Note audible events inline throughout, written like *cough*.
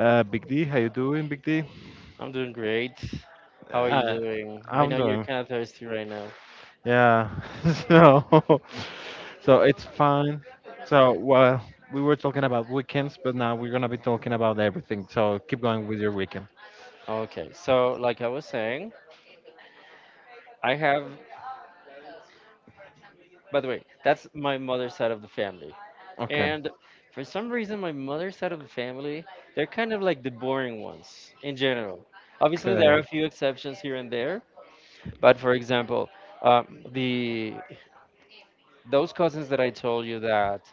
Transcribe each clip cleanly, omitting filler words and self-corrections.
Big D. How you doing, Big D? I'm doing great. How are you Uh, doing? I I'm know you're doing, kind of thirsty right now. yeah. *laughs* So, so it's fine. So, well, we were talking about weekends, but now we're gonna be talking about everything. So keep going with your weekend. Okay, so like I was saying, I have, by the way, that's my mother's side of the family. Okay. And for some reason, my mother's side of the family, they're kind of like the boring ones in general. Obviously, there are Okay. a few exceptions here and there, but for example, the those cousins that I told you that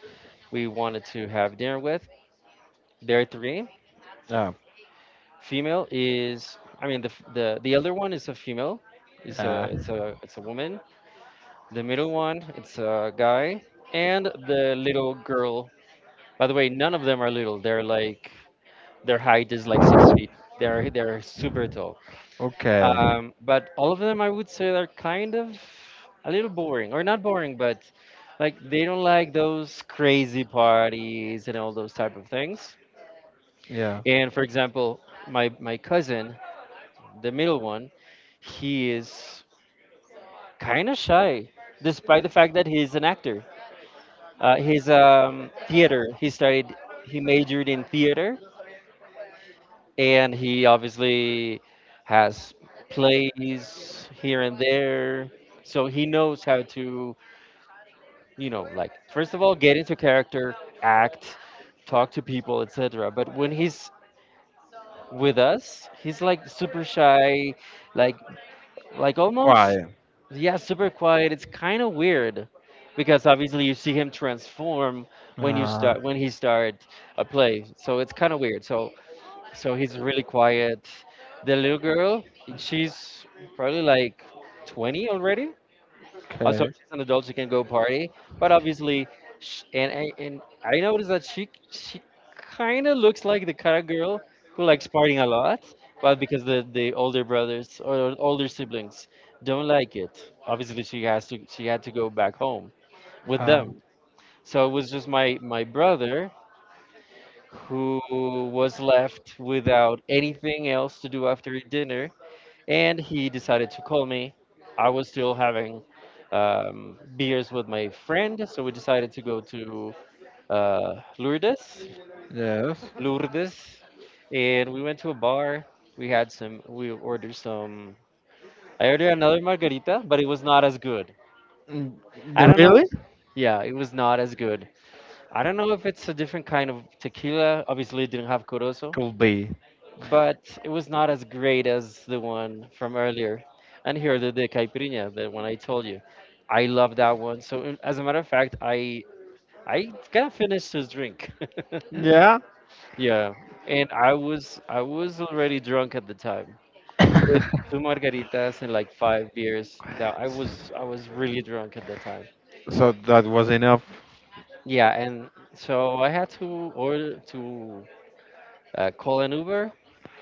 we wanted to have dinner with, they're three. Yeah. I mean, the f- the elder one is a female, it's a Yeah. it's a it's a woman. The middle one, it's a guy, and the little girl. By the way, none of them are little. They're like their height is like 6 feet. They're super tall. Okay. But all of them, I would say, are kind of a little boring, or not boring, but like they don't like those crazy parties and all those type of things. Yeah. And for example, my cousin, the middle one, he is kind of shy, despite the fact that he is an actor. He's theater. He studied, he majored in theater, and he obviously has plays here and there. So he knows how to, like first of all, get into character, act, talk to people, etc. But when he's with us, he's like super shy, like Like almost, Why? yeah, super quiet. It's kind of weird because obviously you see him transform Uh, when he start a play. So it's kind of weird. So he's really quiet. The little girl, she's probably like 20 already. Also, okay. as an adult, she can go party, but obviously, sh and I noticed that she kind of looks like the kind of girl who likes partying a lot, but because the older brothers or older siblings don't like it, obviously she had to go back home with Uh, them. So it was just my brother who was left without anything else to do after dinner and he decided to call me. I was still having beers with my friend, so we decided to go to Lourdes, yes. Lourdes, and we went to a bar. We had some. We ordered some. I ordered another margarita, but it was not as good. Mm, I don't know. really? Yeah, it was not as good. I don't know if it's a different kind of tequila. Obviously, it didn't have corozo, Could be. but it was not as great as the one from earlier. And here the de caipirinha, the one I told you, I love that one. So as a matter of fact, I kind of finished his drink. *laughs* Yeah. Yeah, and I was already drunk at the time with two *laughs* margaritas and like five beers. That I was really drunk at the time. So that was enough. Yeah, and so I had to order to call an Uber,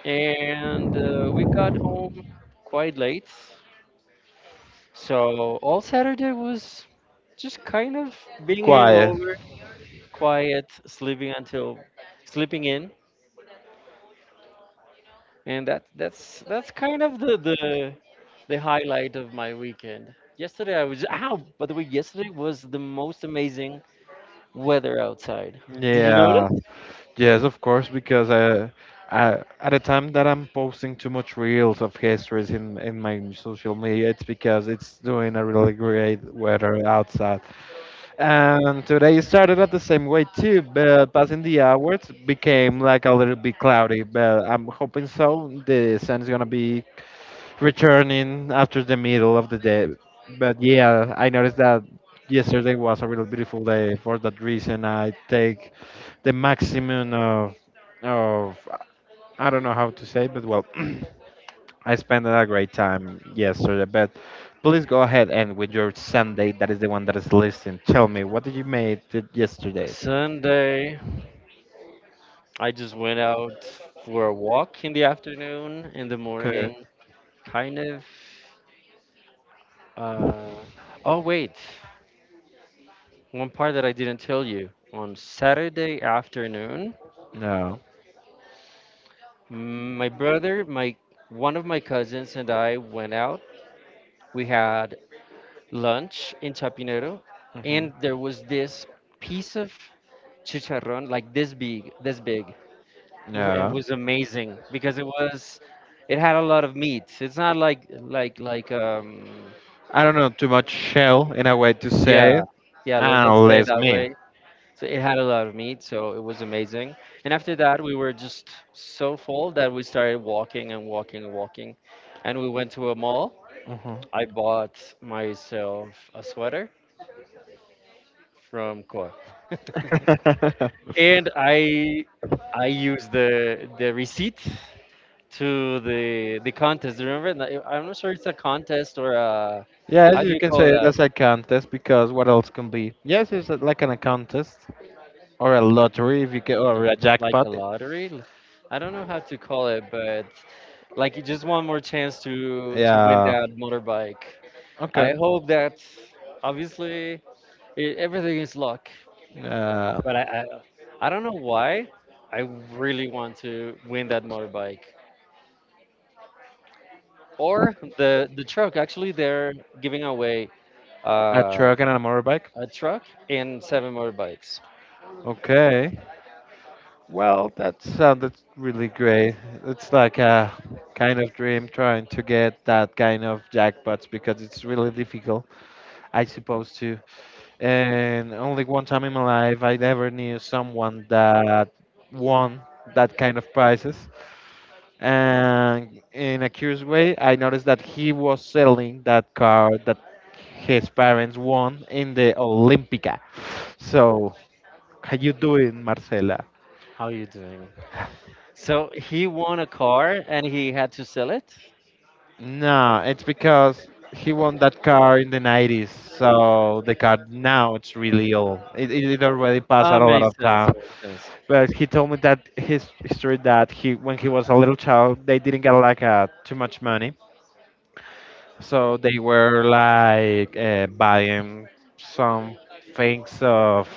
and we got home quite late. So all Saturday was just kind of being Quiet. hangover, quiet, sleeping in, and that's kind of the highlight of my weekend. Yesterday I was ow. By the way, yesterday was the most amazing weather outside. Did you notice? Yeah. Yes, of course, because I, at the time that I'm posting too much reels of histories in my social media, it's because it's doing a really great weather outside. And today started at the same way too, but passing the hours became like a little bit cloudy. But I'm hoping so. The sun is gonna be returning after the middle of the day. But yeah, I noticed that yesterday was a really beautiful day. For that reason, I take the maximum of of I don't know how to say, but well. *clears throat* I spent a great time yesterday, but please go ahead and with your Sunday, that is the one that is listing. Tell me, what did you make yesterday? Sunday, I just went out for a walk in the afternoon, in the Okay. morning, kind of. Uh, oh wait. One part that I didn't tell you, on Saturday afternoon, No. mm, my brother, my one of my cousins and I went out. We had lunch in Chapinero Hmm. and there was this piece of chicharrón like this big, this big. It No. was amazing because it had a lot of meat. It's not like I don't know too much shell in a way to say, yeah, it, yeah, let's and say it less that meat. way. So it had a lot of meat, so it was amazing. And after that, we were just so full that we started walking and walking and walking. And we went to a mall. Mhm. I bought myself a sweater from Koa. *laughs* And I used the receipt to the contest. Remember? Like, I'm not sure it's a contest or a, Yeah, how do you you can call say that? that's a contest because what else can be? Yes, it's like an, a contest or a lottery if you get or No, a like a jackpot. lottery? I don't know how to call it, but like just one more chance to win Yeah. that motorbike. I Okay. hope that obviously everything is luck, Uh, but I don't know why I really want to win that motorbike or the truck. Actually, they're giving away a uh, truck and a motorbike. a truck and seven motorbikes. Okay. Well, that sounded really great. It's like a kind of dream trying to get that kind of jackpots because it's really difficult, I suppose, to. And only one time in my life I ever knew someone that won that kind of prizes. And in a curious way I noticed that he was selling that car that his parents won in the Olympica. So how you doing, Marcela? How you doing? So he won a car and he had to sell it. No, it's because he won that car in the 90s, so the car now it's really old. It already passed Ah, out a lot makes of sense. time. Makes sense. But he told me that his story that he when he was a little child they didn't get like too much money. So they were like buying some things of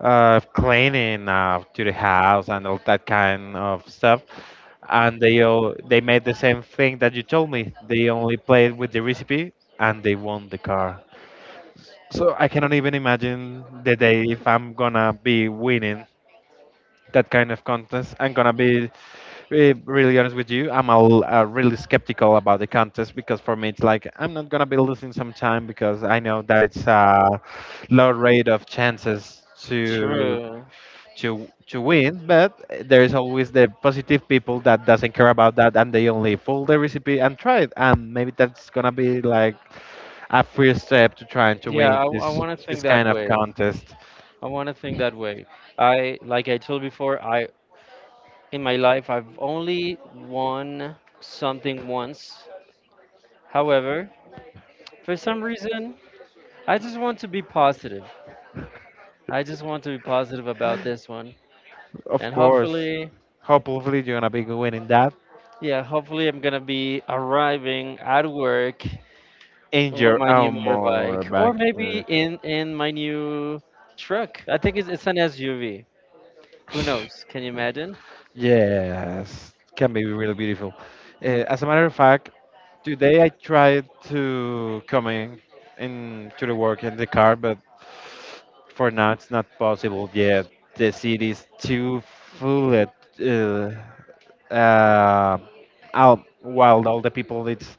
cleaning to the house and all that kind of stuff. And they all, they made the same thing that you told me. They only played with the recipe and they won the car. So I cannot even imagine the day if I'm gonna be winning that kind of contest. I'm gonna be really honest with you, I'm a, really skeptical about the contest because for me it's like I'm not gonna be losing some time because I know that it's a low rate of chances to True. To win, but there is always the positive people that doesn't care about that and they only follow the recipe and try it, and maybe that's gonna be like a first step to trying to Yeah, win I this want to think this that kind of way. contest. I want to think that way. Like I told before, I in my life I've only won something once. However, for some reason, I just want to be positive. I just want to be positive about this one, Of and course, hopefully, hopefully you're gonna be winning that yeah, hopefully I'm gonna be arriving at work in on your my new own motorbike, or motorbike. maybe in my new truck. I think it's an SUV. Who knows? Can you imagine? Yes, can be really beautiful. As a matter of fact, today I tried to come in to the work in the car, but for now it's not possible yet. The city is too full. Uh, uh, Out, while all the people it's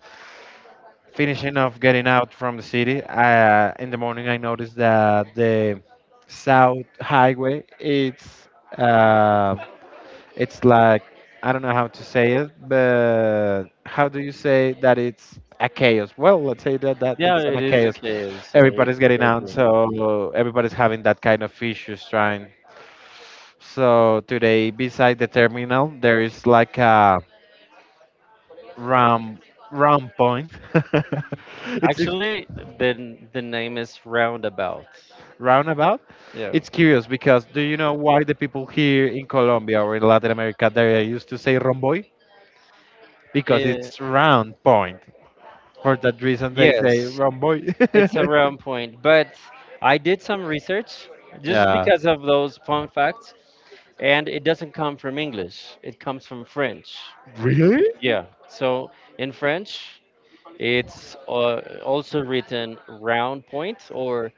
finishing off getting out from the city. In the morning, I noticed that the South Highway uh, it's like I don't know how to say it, but how do you say that it's a chaos? Well, let's say that Yeah, it's an it a is a chaos. cave. So I Everybody's getting I out, agree. so everybody's having that kind of issues trying. So today, beside the terminal, there is like a round round point. *laughs* It's Actually, the name is roundabout. roundabout. Yeah. It's curious because do you know why the people here in Colombia or in Latin America they used to say romboy? Because Eh, it's round point. For that reason, they say yes, wrong boy. it's a *laughs* round point. But I did some research just Yeah. because of those fun facts, and it doesn't come from English. It comes from French. Really? Yeah. So in French, it's also written round point or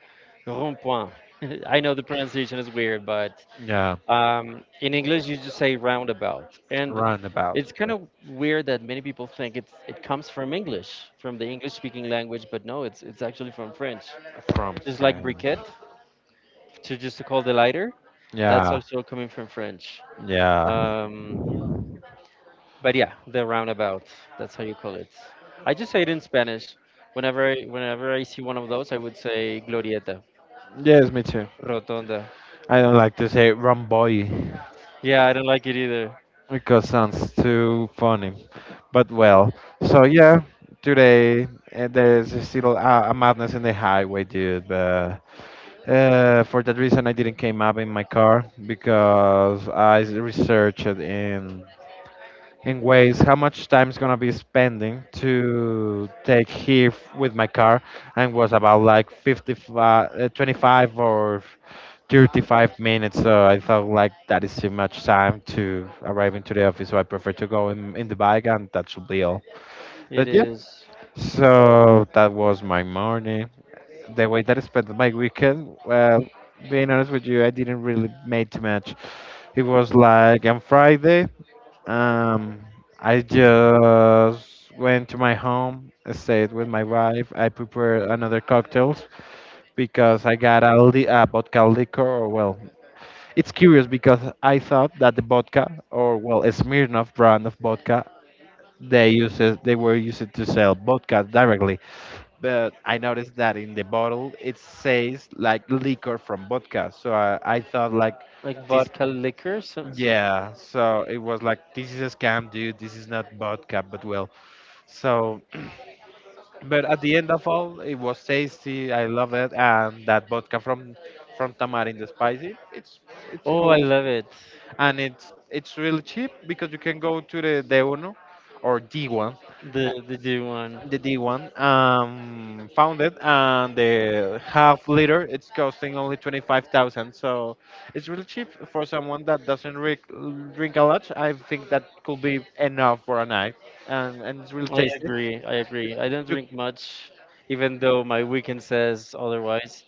rond point. *laughs* I know the pronunciation is weird, but Yeah. In English, you just say roundabout, and Roundabout it's kind of weird that many people think it comes from English, from the English-speaking language, but no, it's actually from French. from Just like French. briquette, to just to call the lighter, that's Yeah. also coming from French. Yeah. Um, but yeah, the roundabout, that's how you call it. I just say it in Spanish. Whenever I see one of those, I would say glorieta, Yes, me too. rotonda. I don't like to say wrong boy Yeah, I don't like it either. because sounds too funny. But well, so yeah, today there's still a madness in the highway, dude. But for that reason, I didn't came up in my car because I researched in ways how much time is gonna be spending to take here with my car, and was about like 55, 25 or 35 minutes. So I thought like that is too much time to arrive into the office. So I prefer to go in the bike, and that should be all. It But yeah, is so that was my morning the way that I spent my weekend, well, being honest with you, I didn't really make too much. It was like on Friday, um, I just went to my home, I stayed with my wife. I prepared another cocktails because I got a, a vodka liquor. Or well, it's curious because I thought that the vodka, or well, a Smirnoff brand of vodka, they were used to sell vodka directly, but I noticed that in the bottle it says like liquor from vodka. I thought like like this, vodka liquor, yeah. So it was like this is a scam, dude. This is not vodka, but well. So, but at the end of all, it was tasty. I love it, and that vodka from Tamarind the spicy. It's oh, I cool, love it. and it's really cheap because you can go to the De Uno or D1, The G one. the D1 founded and the half liter it's costing only 25,000, so it's really cheap for someone that doesn't drink a lot. I think that could be enough for a night and it's really I tasty. agree. I agree. I don't You- drink much, even though my weekend says otherwise.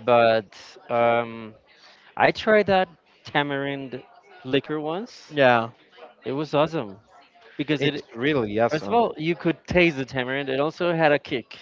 But um, I tried that tamarind liquor once. yeah, It was awesome because it's really first of awesome. all, you could taste the tamarind. It also had a kick.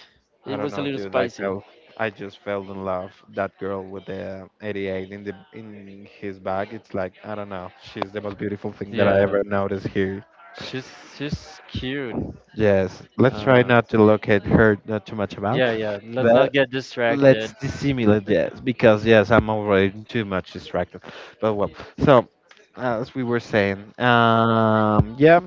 I It don't was a know, little dude, I spicy. fell I just fell in love that girl with the 88 in the in his bag. It's like I don't know, she's the most beautiful thing that I Yeah, ever noticed here. she's she's cute. Yes, let's try Uh, not to look at her not too much about, yeah, yeah. Let's not but get let's distracted. dissimulate, *laughs* yes, because yes, I'm already too much distracted. But well, so as we were saying, yeah,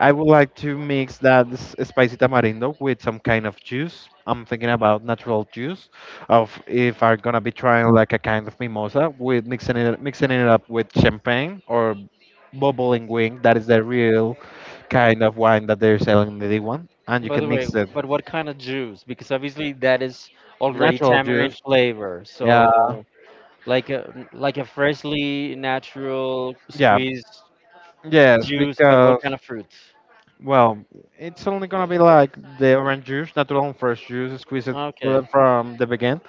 I would like to mix that spicy tamarindo with some kind of juice. I'm thinking about natural juice of if I'm gonna be trying like a kind of mimosa with mixing it up with champagne or bubbling wing. That is the real kind of wine that they're selling in the D1, and you By can the way, mix it. but what kind of juice? Because obviously that is already Natural tamarind juice. flavor. Yeah, So like a freshly natural yeah, squeezed yes, juice, but what because kind of fruit? well, it's only gonna be like the orange juice, natural fresh juice, squeeze it Okay. from the beginning.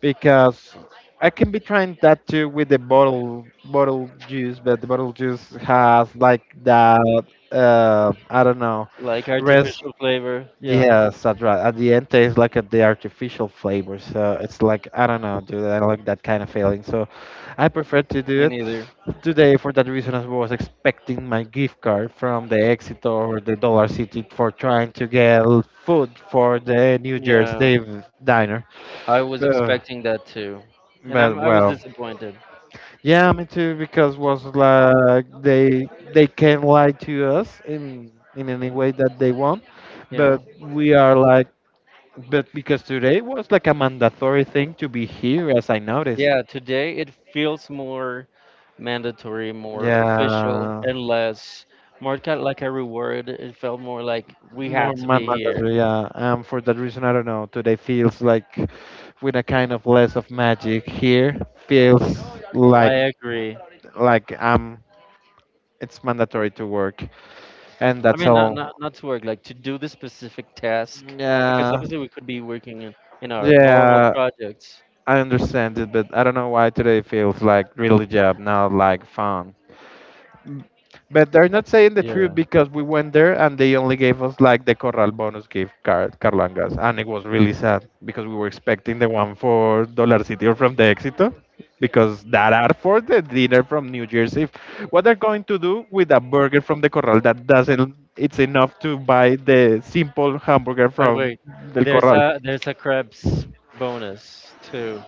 Because I can be trying that too with the bottle juice, but the bottle juice has like that I don't know, Like res artificial flavor. Yeah, yes, that's right. At the end, tastes like a, the artificial flavor. So it's like I don't know, dude. I don't like that kind of feeling. So I prefer to do me it neither. today for that reason. I was expecting my gift card from the Exito or the Dollar City for trying to get food for the New Yeah, Jersey diner. I was But, expecting that too. And but I was well, disappointed. yeah, me too. Because was like they can lie to us in any way that they want, but Yeah. we are like. But because today was like a mandatory thing to be here, as I noticed. Yeah, today it feels more mandatory, more official, Yeah, and less more kind of like a reward. It felt more like we more had to be here. mandatory. Yeah, and for that reason, I don't know. Today feels like with a kind of less of magic here. Feels I like agree. like it's mandatory to work, and I that's mean, not not all. not to work, like to do this specific task, because Yeah, obviously we could be working in our normal yeah, projects. I understand it, but I don't know why today feels like really job, not like fun. Mm, but they're not saying the truth Yeah. because we went there and they only gave us like the Corral bonus gift card, Carlangas, and it was really sad because we were expecting the one for Dollar City or from the Éxito because that are for the dinner from New Year's Eve. What they're going to do with a burger from the Corral that doesn't, it's enough to buy the simple hamburger But from wait, Del Corral. There's a Krebs bonus too.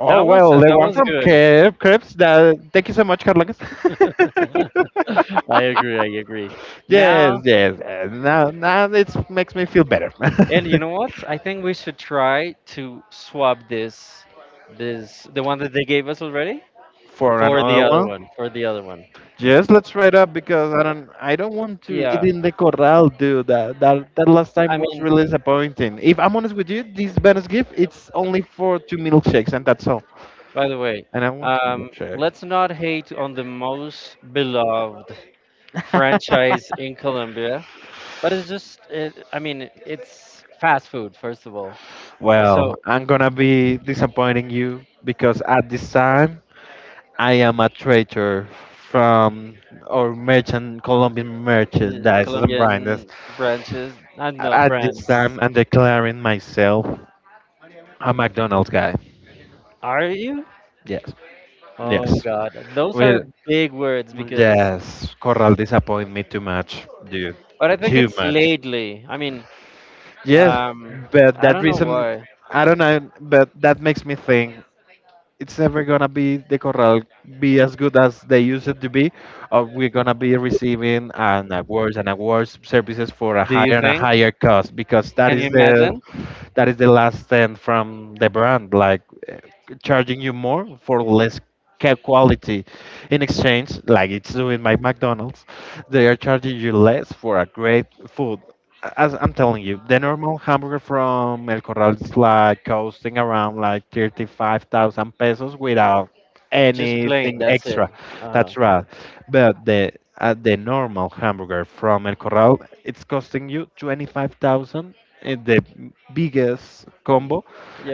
Oh well, the That one was from good. Krebs. That thank you so much, Carlangas. *laughs* *laughs* I agree. I agree. Yes, Now yes. Now, now it makes me feel better. And you *laughs* know what? I think we should try to swap this, this the one that they gave us already, For for the another other one, one. For the other one. yes, let's try it up because I don't want to eat Yeah. in the corral, dude. That last I time was mean, really disappointing. If I'm honest with you, this bonus gift it's only for two milkshakes and that's all. by the way, And I want a milkshake. let's not hate on the most beloved franchise in *laughs* Colombia, but it's just, I mean, it's fast food first of all. Well, So I'm gonna be disappointing you because at this time I am a traitor from our merchant, Colombian merchandise and brands. Colombian branches, I don't know At this brands. time, I'm declaring myself a McDonald's guy. Are you? Yes, Oh yes. God, those Well, are big words. Because yes, Corral disappointed me too much, dude. But I think Too it's much. lately. I mean, Yes, um, but I that don't know reason, why. I don't know, but that makes me think it's never gonna be the corral be as good as they used it to be, or we're gonna be receiving an awards and awards services for a Do you higher and a think? higher cost because that Can you is the imagine? that is the last stand from the brand, like uh, charging you more for less quality in exchange, like it's doing my McDonald's. They are charging you less for a great food. As I'm telling you, the normal hamburger from El Corral is like costing around like 35,000 pesos without Just plain. anything That's it. extra. Uh, That's right. But the normal hamburger from El Corral, it's costing you 25,000 in the biggest combo,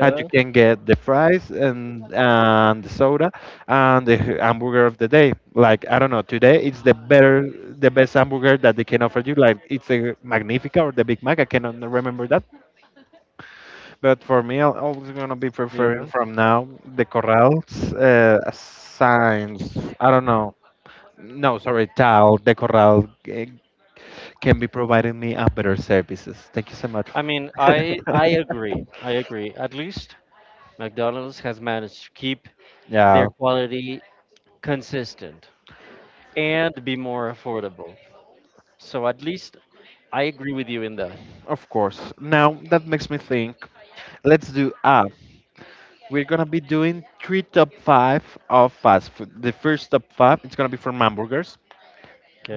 and you can get the fries and the soda and the hamburger of the day. Like I don't know, today it's the better, the best hamburger that they can offer you. Like it's a Magnifica or the Big Mac. I cannot remember that, but for me, I'm always gonna be preferring yeah. from now the Corral's signs. I don't know. No, sorry, Tal, the Corral can be providing me a better services. Thank you so much. I mean, I *laughs* I agree. I agree. At least McDonald's has managed to keep Yeah. their quality consistent and be more affordable. So at least I agree with you in that. Of course. Now that makes me think. Let's do ah. We're gonna be doing three top five of fast food. The first top five, it's gonna be from hamburgers.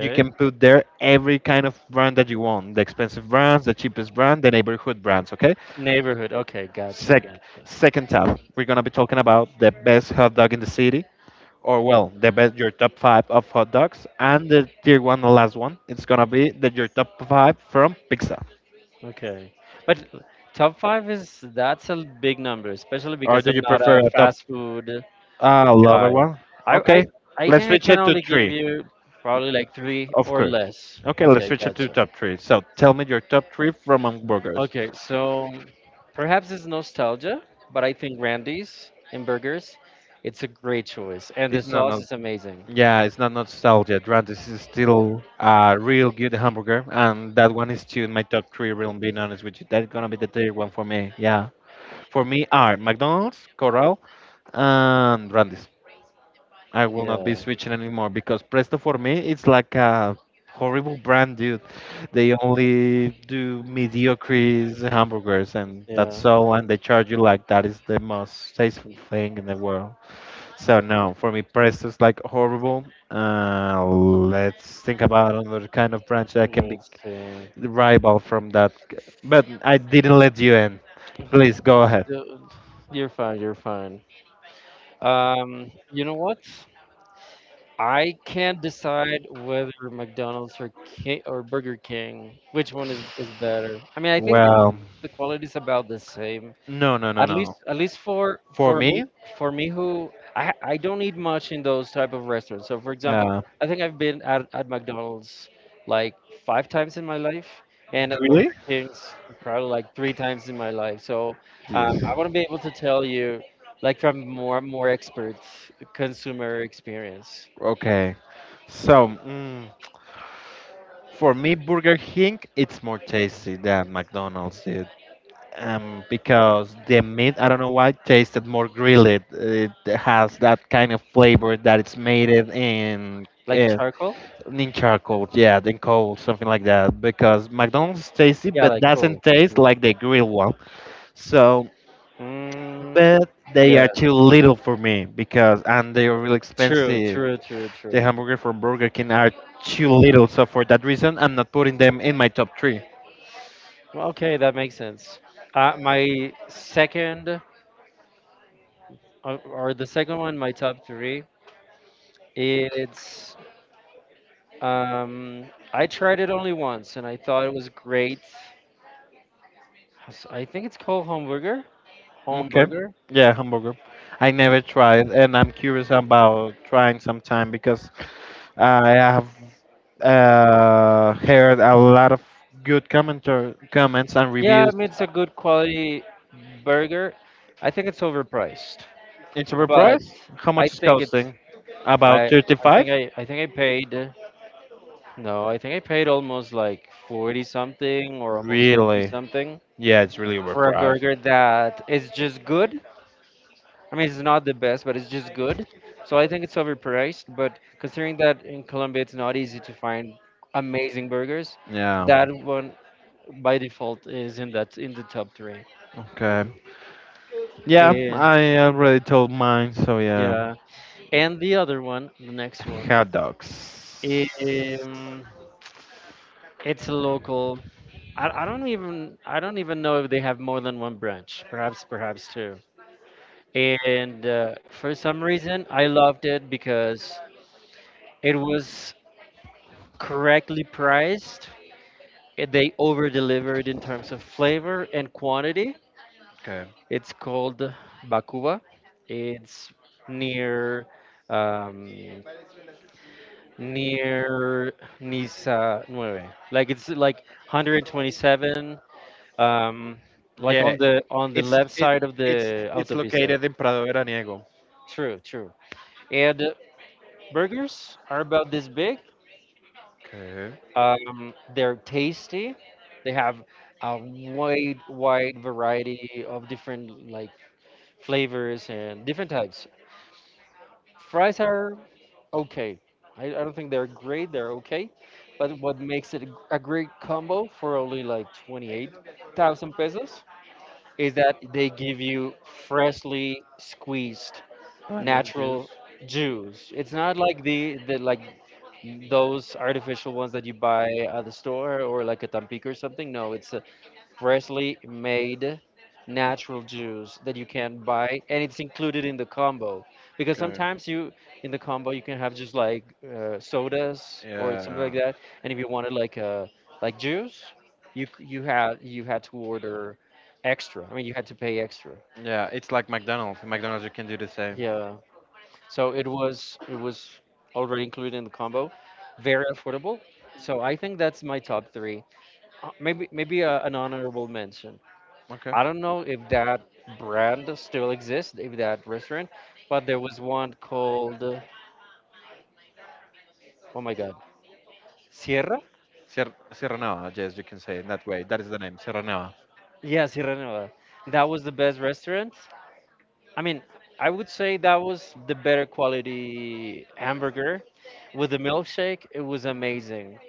You can put there every kind of brand that you want, the expensive brands, the cheapest brand, the neighborhood brands. Okay. Neighborhood. Okay, gotcha, gotcha. Second tab, we're gonna be talking about the best hot dog in the city, or well, the best your top five of hot dogs, and the tier one, the last one, it's gonna be that your top five from pizza. Okay. But top five is that's a big number, especially Or because do I'm you not prefer a a top fast food lower guy. one? I Okay, I, I let's think I switch can it to only give three, you probably like three of or course. less. Okay, let's Okay, switch it to gotcha. top three. So tell me your top three from hamburgers. Okay, so perhaps it's nostalgia, but I think Randy's in burgers, it's a great choice. And the It's not, sauce not is amazing. yeah, it's not nostalgia. Dran, this is still a real good hamburger, and that one is still in my top three. Real, being honest with you, that's gonna be the third one for me. Yeah, for me are McDonald's, Corral, and Randy's. I will not be Yeah, switching anymore because Presto for me it's like a horrible brand, dude. They only do mediocre hamburgers and yeah. that's all, and they charge you like that is the most tasteful thing in the world. So no, for me Presto is like horrible. Let's think about another kind of branch that can be Let's see. rival from that. But I didn't let you in. Please go ahead. The- You're fine, you're fine. You know what? I can't decide whether McDonald's or King or Burger King, which one is better. I mean, I think Well, the quality is about the same. no, no, no, no. At least For for me, me, who I don't eat much in those type of restaurants. So for example, yeah. I think I've been at McDonald's like five times in my life, and at Really? Burger King's probably like three times in my life. So Yes. I want to be able to tell you like from more expert consumer experience. Okay. So, for me, Burger King, it's more tasty than McDonald's. Because the meat, I don't know why, tasted more grilled. It has that kind of flavor that it's made it Like uh, charcoal? in charcoal, yeah, in coal, something like that. Because McDonald's is tasty, Yeah, but like doesn't coal. taste True. like the grilled one. So Mm, but they yeah. are too little for me because and they are really True, expensive. true, true, The true. hamburger from Burger King are too little, so for that reason, I'm not putting them in my top three. Well, okay, that makes sense. My second, or the second one, my top three, it's. Um, I tried it only once and I thought it was great. I think it's called Homburger. Okay, Homburger? yeah, hamburger. I never tried, and I'm curious about trying sometime because I have heard a lot of good commenter comments and Yeah, I reviews. mean, it's a good quality burger. I think it's overpriced, It's a but price. How I much is think it's. costing? About I 35. think I think I paid. No, I think I paid almost like 40 something or almost 50 Really? something Yeah, it's really for a overpriced. burger that is just good. I mean, it's not the best, but it's just good. So I think it's overpriced, but considering that in Colombia it's not easy to find amazing burgers, that Yeah. one by default is in the top 3. Okay. Yeah, Eh, I already told mine, so yeah. yeah. And the other one, the next one, Hot dogs. um, it's a local. I don't even know if they have more than one branch. Perhaps two. And for some reason I loved it because it was correctly priced and they over delivered in terms of flavor and quantity. Okay. It's called Bakuba. It's near, um, near Niza Nueve. Like it's like 127, um, like on Yeah, the it's left it side of the it's autopista. located in Prado Veraniego. True, true. And burgers are about this big. Okay. They're tasty. They have a wide variety of different like flavors and different types. Fries are okay. I don't think they're great. They're okay, but what makes it a great combo for only like 28,000 pesos is that they give you freshly squeezed Lemon juice. natural juice. It's not like the like those artificial ones that you buy at the store or like a Tampico or something. No, it's a freshly made natural juice that you can buy and it's included in the combo. Because Okay. sometimes you in the combo you can have just like sodas or something Yeah. like that. And if you wanted like a like juice, you had to order extra. I mean, you had to pay extra. Yeah, it's like McDonald's. In McDonald's you can do the same. Yeah. So it was already included in the combo, very affordable. So I think that's my top three. Maybe an honorable mention. Okay. I don't know if that brand still exists, if that restaurant, but there was one called oh my god, Sierra. Sierra, Sierra Nevada, yes, you can say it that way. That is the name, Sierra Nevada. Yeah, Sierra Nevada. That was the best restaurant. I mean, I would say that was the better quality hamburger. With the milkshake, it was amazing.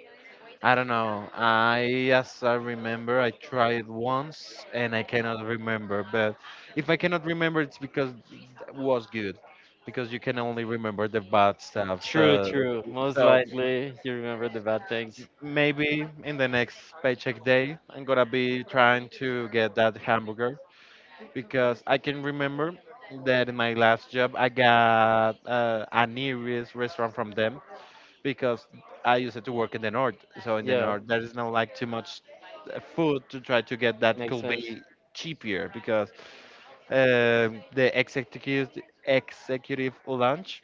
I don't know. I, as I remember, I tried once and I cannot remember. But if I cannot remember, it's because it was good, because you can only remember the bad stuff. True, So, true. Most so likely you remember the bad things. maybe in the next paycheck day, I'm gonna be trying to get that hamburger because I can remember that in my last job, I got an Irish restaurant from them because I used to work in the north. So in the Yeah, north, there is no like too much food to try to get that makes could sense. be cheaper because the executive lunch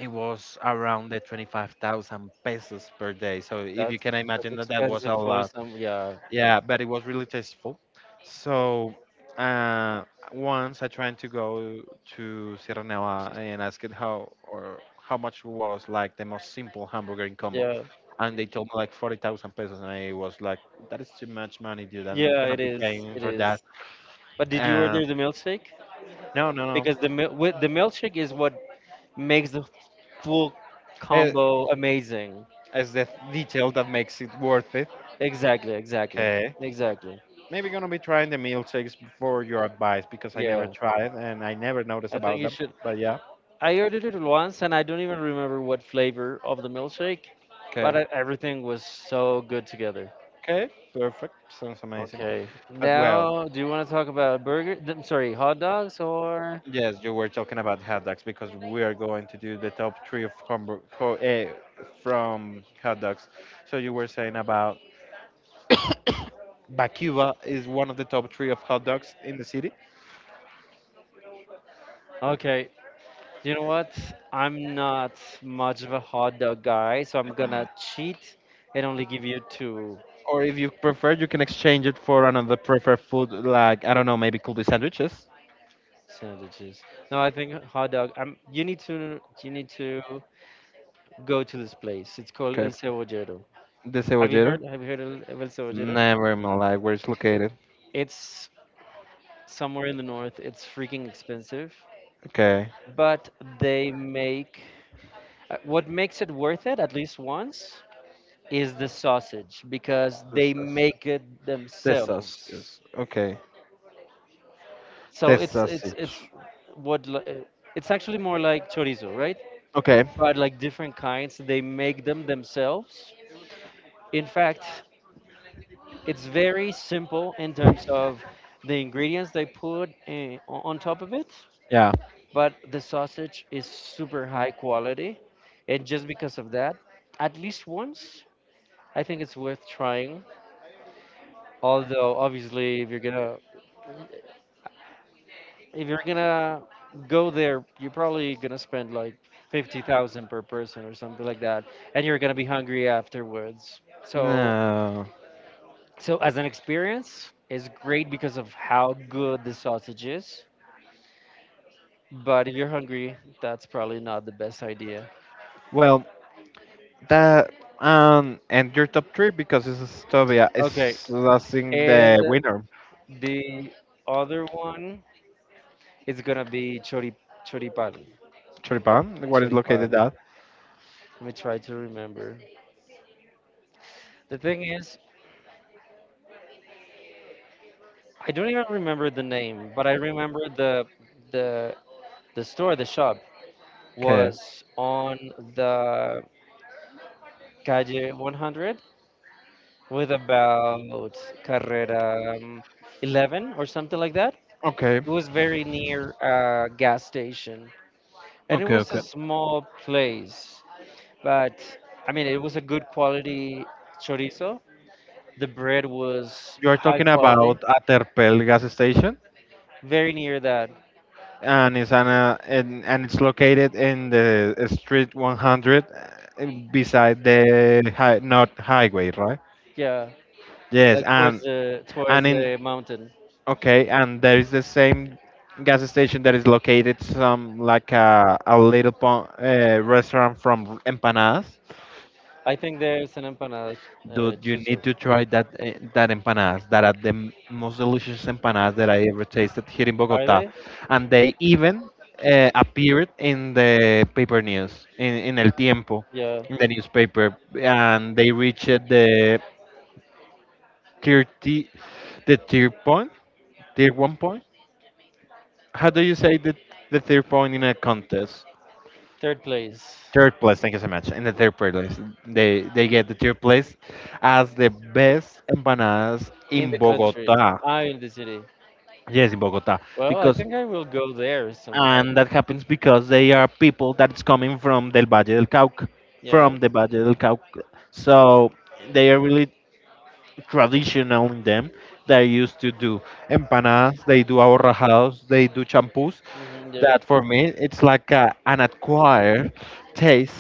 it was around the 25,000 pesos per day. So if you That's can that's imagine that that was expensive a for lot. some. Yeah, Yeah, but it was really tasteful. So uh, once I tried to go to Sierra Nevada and asked it how or how much was like the most simple hamburger in combo, yeah, and they told me like 40,000 pesos, and I was like, that is too much money, dude. I'm not yeah. gonna It be is. paying It for is. that. But did you Uh, order the milkshake? no, no, no. Because with the milkshake is what makes the full Uh, combo amazing. It's the detail that makes it worth it. Exactly. Exactly. Okay. Exactly. Maybe gonna be trying the milkshakes for your advice because I never Yeah. tried and I never noticed I think about you them. should. But yeah. I ordered it once and I don't even remember what flavor of the milkshake, Okay. but I, everything was so good together. Okay. Perfect. Sounds amazing. Okay. But well, Now, do you want to talk about burger? I'm sorry, hot dogs or? yes, you were talking about hot dogs because we are going to do the top three of from hot dogs. So you were saying about Bakuba is one of the top three of hot dogs in the city, Okay. You know what? I'm not much of a hot dog guy, so I'm gonna cheat and only give you two or if you prefer, you can exchange it for another preferred food, like I don't know, maybe could be sandwiches. sandwiches. No, I think hot dog. You need to go to this place. It's called El Okay. Cebollero. The Have you Cebollero? heard? Have you heard of El Cebollero? Never in my life. Where it's located? It's somewhere in the north. It's freaking expensive, Okay. but they make what makes it worth it at least once is the sausage because they Texas. make it Texas. themselves. Yes. Okay. So it's Texas. it's it's what li- uh, it's actually more like chorizo, right? Okay. But like different kinds, they make them themselves. In fact, it's very simple in terms of the ingredients they put on top of it, Yeah. but the sausage is super high quality. And just because of that, at least once, I think it's worth trying. Although obviously, if you're gonna go there, you're probably gonna spend like 50,000 per person or something like that, and you're gonna be hungry afterwards. So, No. so as an experience, it's great because of how good the sausage is. But if you're hungry, that's probably not the best idea. Well, that and your top three because it's Stovia Okay, is I think and the winner. the other one is gonna be choripan. Choripan, what is Choripan. located at? Let me try to remember. The thing is, I don't even remember the name, but I remember the the store, the shop Okay. was on the calle 100 with about Carrera, um, 11 or something like that. Okay. It was very near a gas station, and it Okay, was a okay. small place. But I mean, it was a good quality chorizo. The bread was You are high talking quality, about Aterpel gas station? very near that. And it's located in the street 100 uh, beside the north highway, right? Yeah, Yes, like towards the towards and in the mountain. okay and there is the same gas station that is located some like a little restaurant from empanadas. I think there's an empanada, Dude, you need chuzos. to try that that empanadas. That are the most delicious empanadas that I ever tasted here in Are Bogota, they? and they even appeared in the paper news, in El Tiempo, Yeah, in the newspaper, and they reached the 30, the tier point, tier one point. How do you say the third point in a contest? third place Third place, thank you so much. In the third place, they get the third place as the best empanadas in the in country. Bogota. Ah, in the city. Yes, in Bogota, Well, I because think I will go there sometime. and that happens because they are people that's coming from Del Valle del Cauca, Yeah, from the Valle del Cauca. So they are really traditional in them. They used to do empanadas, they do aborrajados, they do champús. Yeah, That for me, it's like an acquired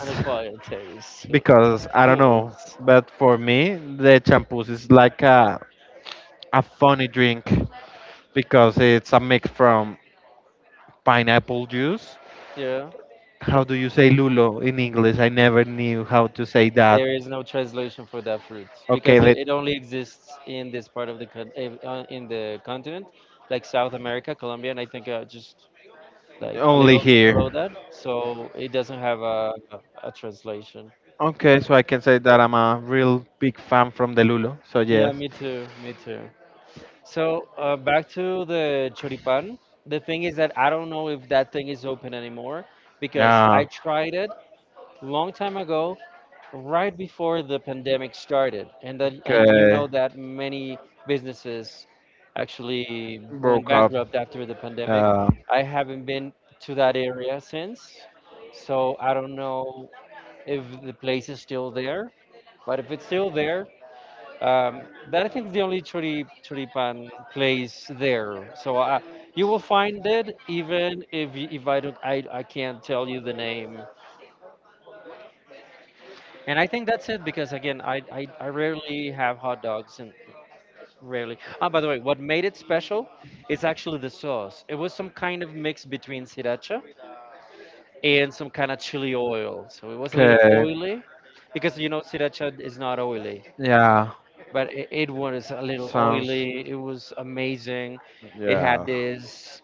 on a quiet taste, *laughs* *laughs* because of I don't know, course. but for me, the champús is like a funny drink because it's a mix from pineapple juice. Yeah. How do you say Lulo in English? I never knew how to say that. There is no translation for that fruit Okay, because it, let it only exists in this part of the in the continent, like South America, Colombia, and I think just like a Only little here. below that. So it doesn't have a translation. Okay, so I can say that I'm a real big fan from the Lulo. So Yeah, yes. me too, me too. So back to the choripan. The thing is that I don't know if that thing is open anymore because I Yeah. tried it long time ago right before the pandemic started and that, and you Okay. know that many businesses actually went Broke up. bankrupt after the pandemic. Uh, I haven't been to that area since, so I don't know if the place is still there, but if it's still there, um, that I think is the only choripan place there, so you will find it even if I don't. I can't tell you the name. And I think that's it because again, I rarely have hot dogs and rarely. Ah, by the way, what made it special is actually the sauce. It was some kind of mix between sriracha and some kind of chili oil. So it was a little okay. oily because you know sriracha is not oily, Yeah. but it was a little Sounds. oily. It was amazing. It had Yeah. this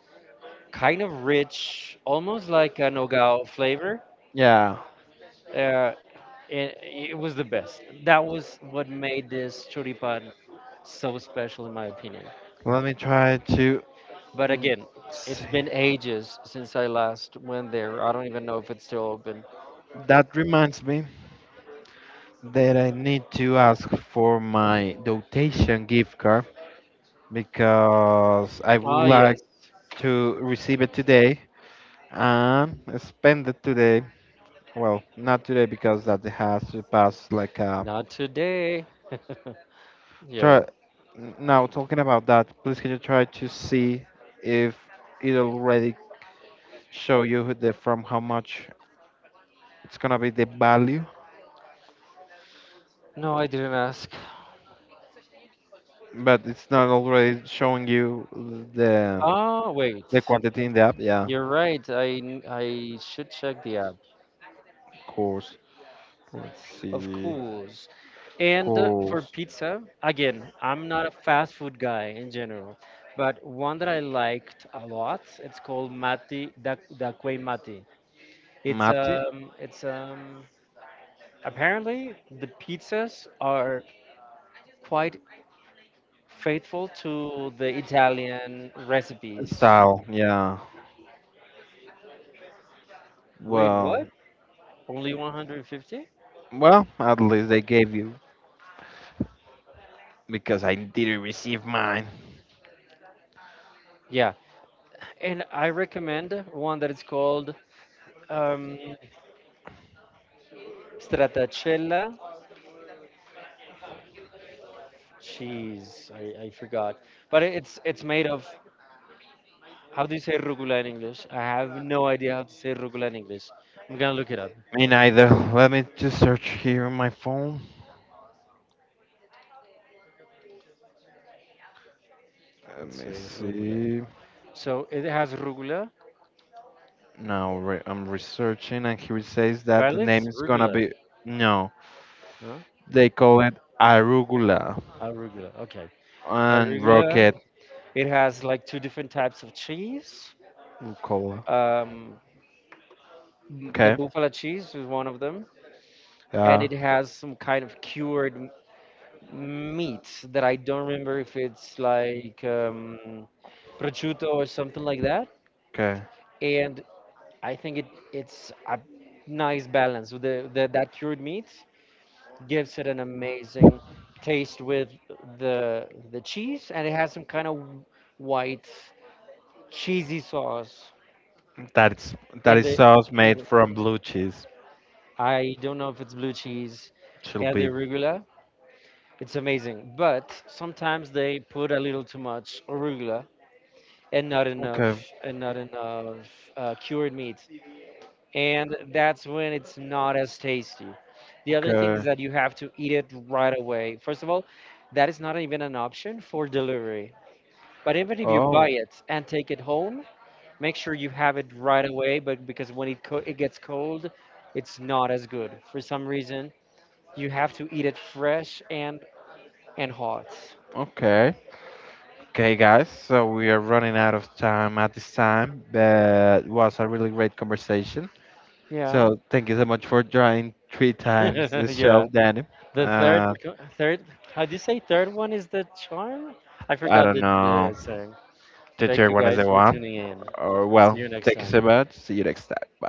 kind of rich, almost like a nogao flavor. Yeah. Uh, it, it was the best. That was what made this choripan so special, in my opinion. Let me try to But again, it's see. been ages since I last went there. I don't even know if it's still open. That reminds me that I need to ask for my dotation gift card because I would Ah, yes. like to receive it today and spend it today. Well, not today because that it has to pass like a Not today. *laughs* Yeah. try. Now talking about that, please can you try to see if it already show you who the from how much it's gonna be the value, No, I didn't ask. but it's not already showing you the Ah, wait. Quantity in the app. Yeah, You're right. I should check the app. of course. Let's Of see. course. And for Course. pizza, again, I'm not a fast food guy in general, but one that I liked a lot, it's called Mati da, da Quei Mati. It's Mate um it's um apparently the pizzas are quite faithful to the Italian recipes. style. Yeah. Wait, what? Well. Only 150? Well, at least they gave you because I didn't receive mine. Yeah. And I recommend one that is called um, Stratacella Cheese. I forgot. But it's made of how do you say rugula in English? I have no idea how to say rugula in English. I'm gonna look it up. Me neither. Let me just search here on my phone. Let Let's me say rugula. see. So it has rugula. I'm researching, and here it says that the Apparently name it's is gonna rugula. be no. Huh? They call it arugula Arugula. Okay. and Arugula. rocket It has like two different types of cheese. rucola. Um, the Okay. buffalo cheese is one of them, and Yeah. it has some kind of cured meats that I don't remember if it's like prosciutto or something like that. Okay. And I think it's a nice balance with the that cured meat. Gives it an amazing taste with the cheese, and it has some kind of white cheesy sauce. That is that And is the sauce in made the, from blue cheese. I don't know if it's blue cheese, Should and the be arugula. It's amazing, but sometimes they put a little too much arugula and okay. Not enough cured meats, and that's when it's not as tasty. The other thing Okay. is that you have to eat it right away. First of all, that is not even an option for delivery, but even if you Oh, buy it and take it home, make sure you have it right away. But because when it, it gets cold, it's not as good for some reason. You have to eat it fresh and hot. okay. Okay, guys. So we are running out of time at this time. That was a really great conversation. Yeah. So thank you so much for joining three times the *laughs* Yeah. show, Danny. The third, Uh, third, how do you say third one is the charm? I I forgot don't the know. song. The Thank third you one is guys the for one. tuning in. Or See well, you next thank you time. so much. See you next time. Bye.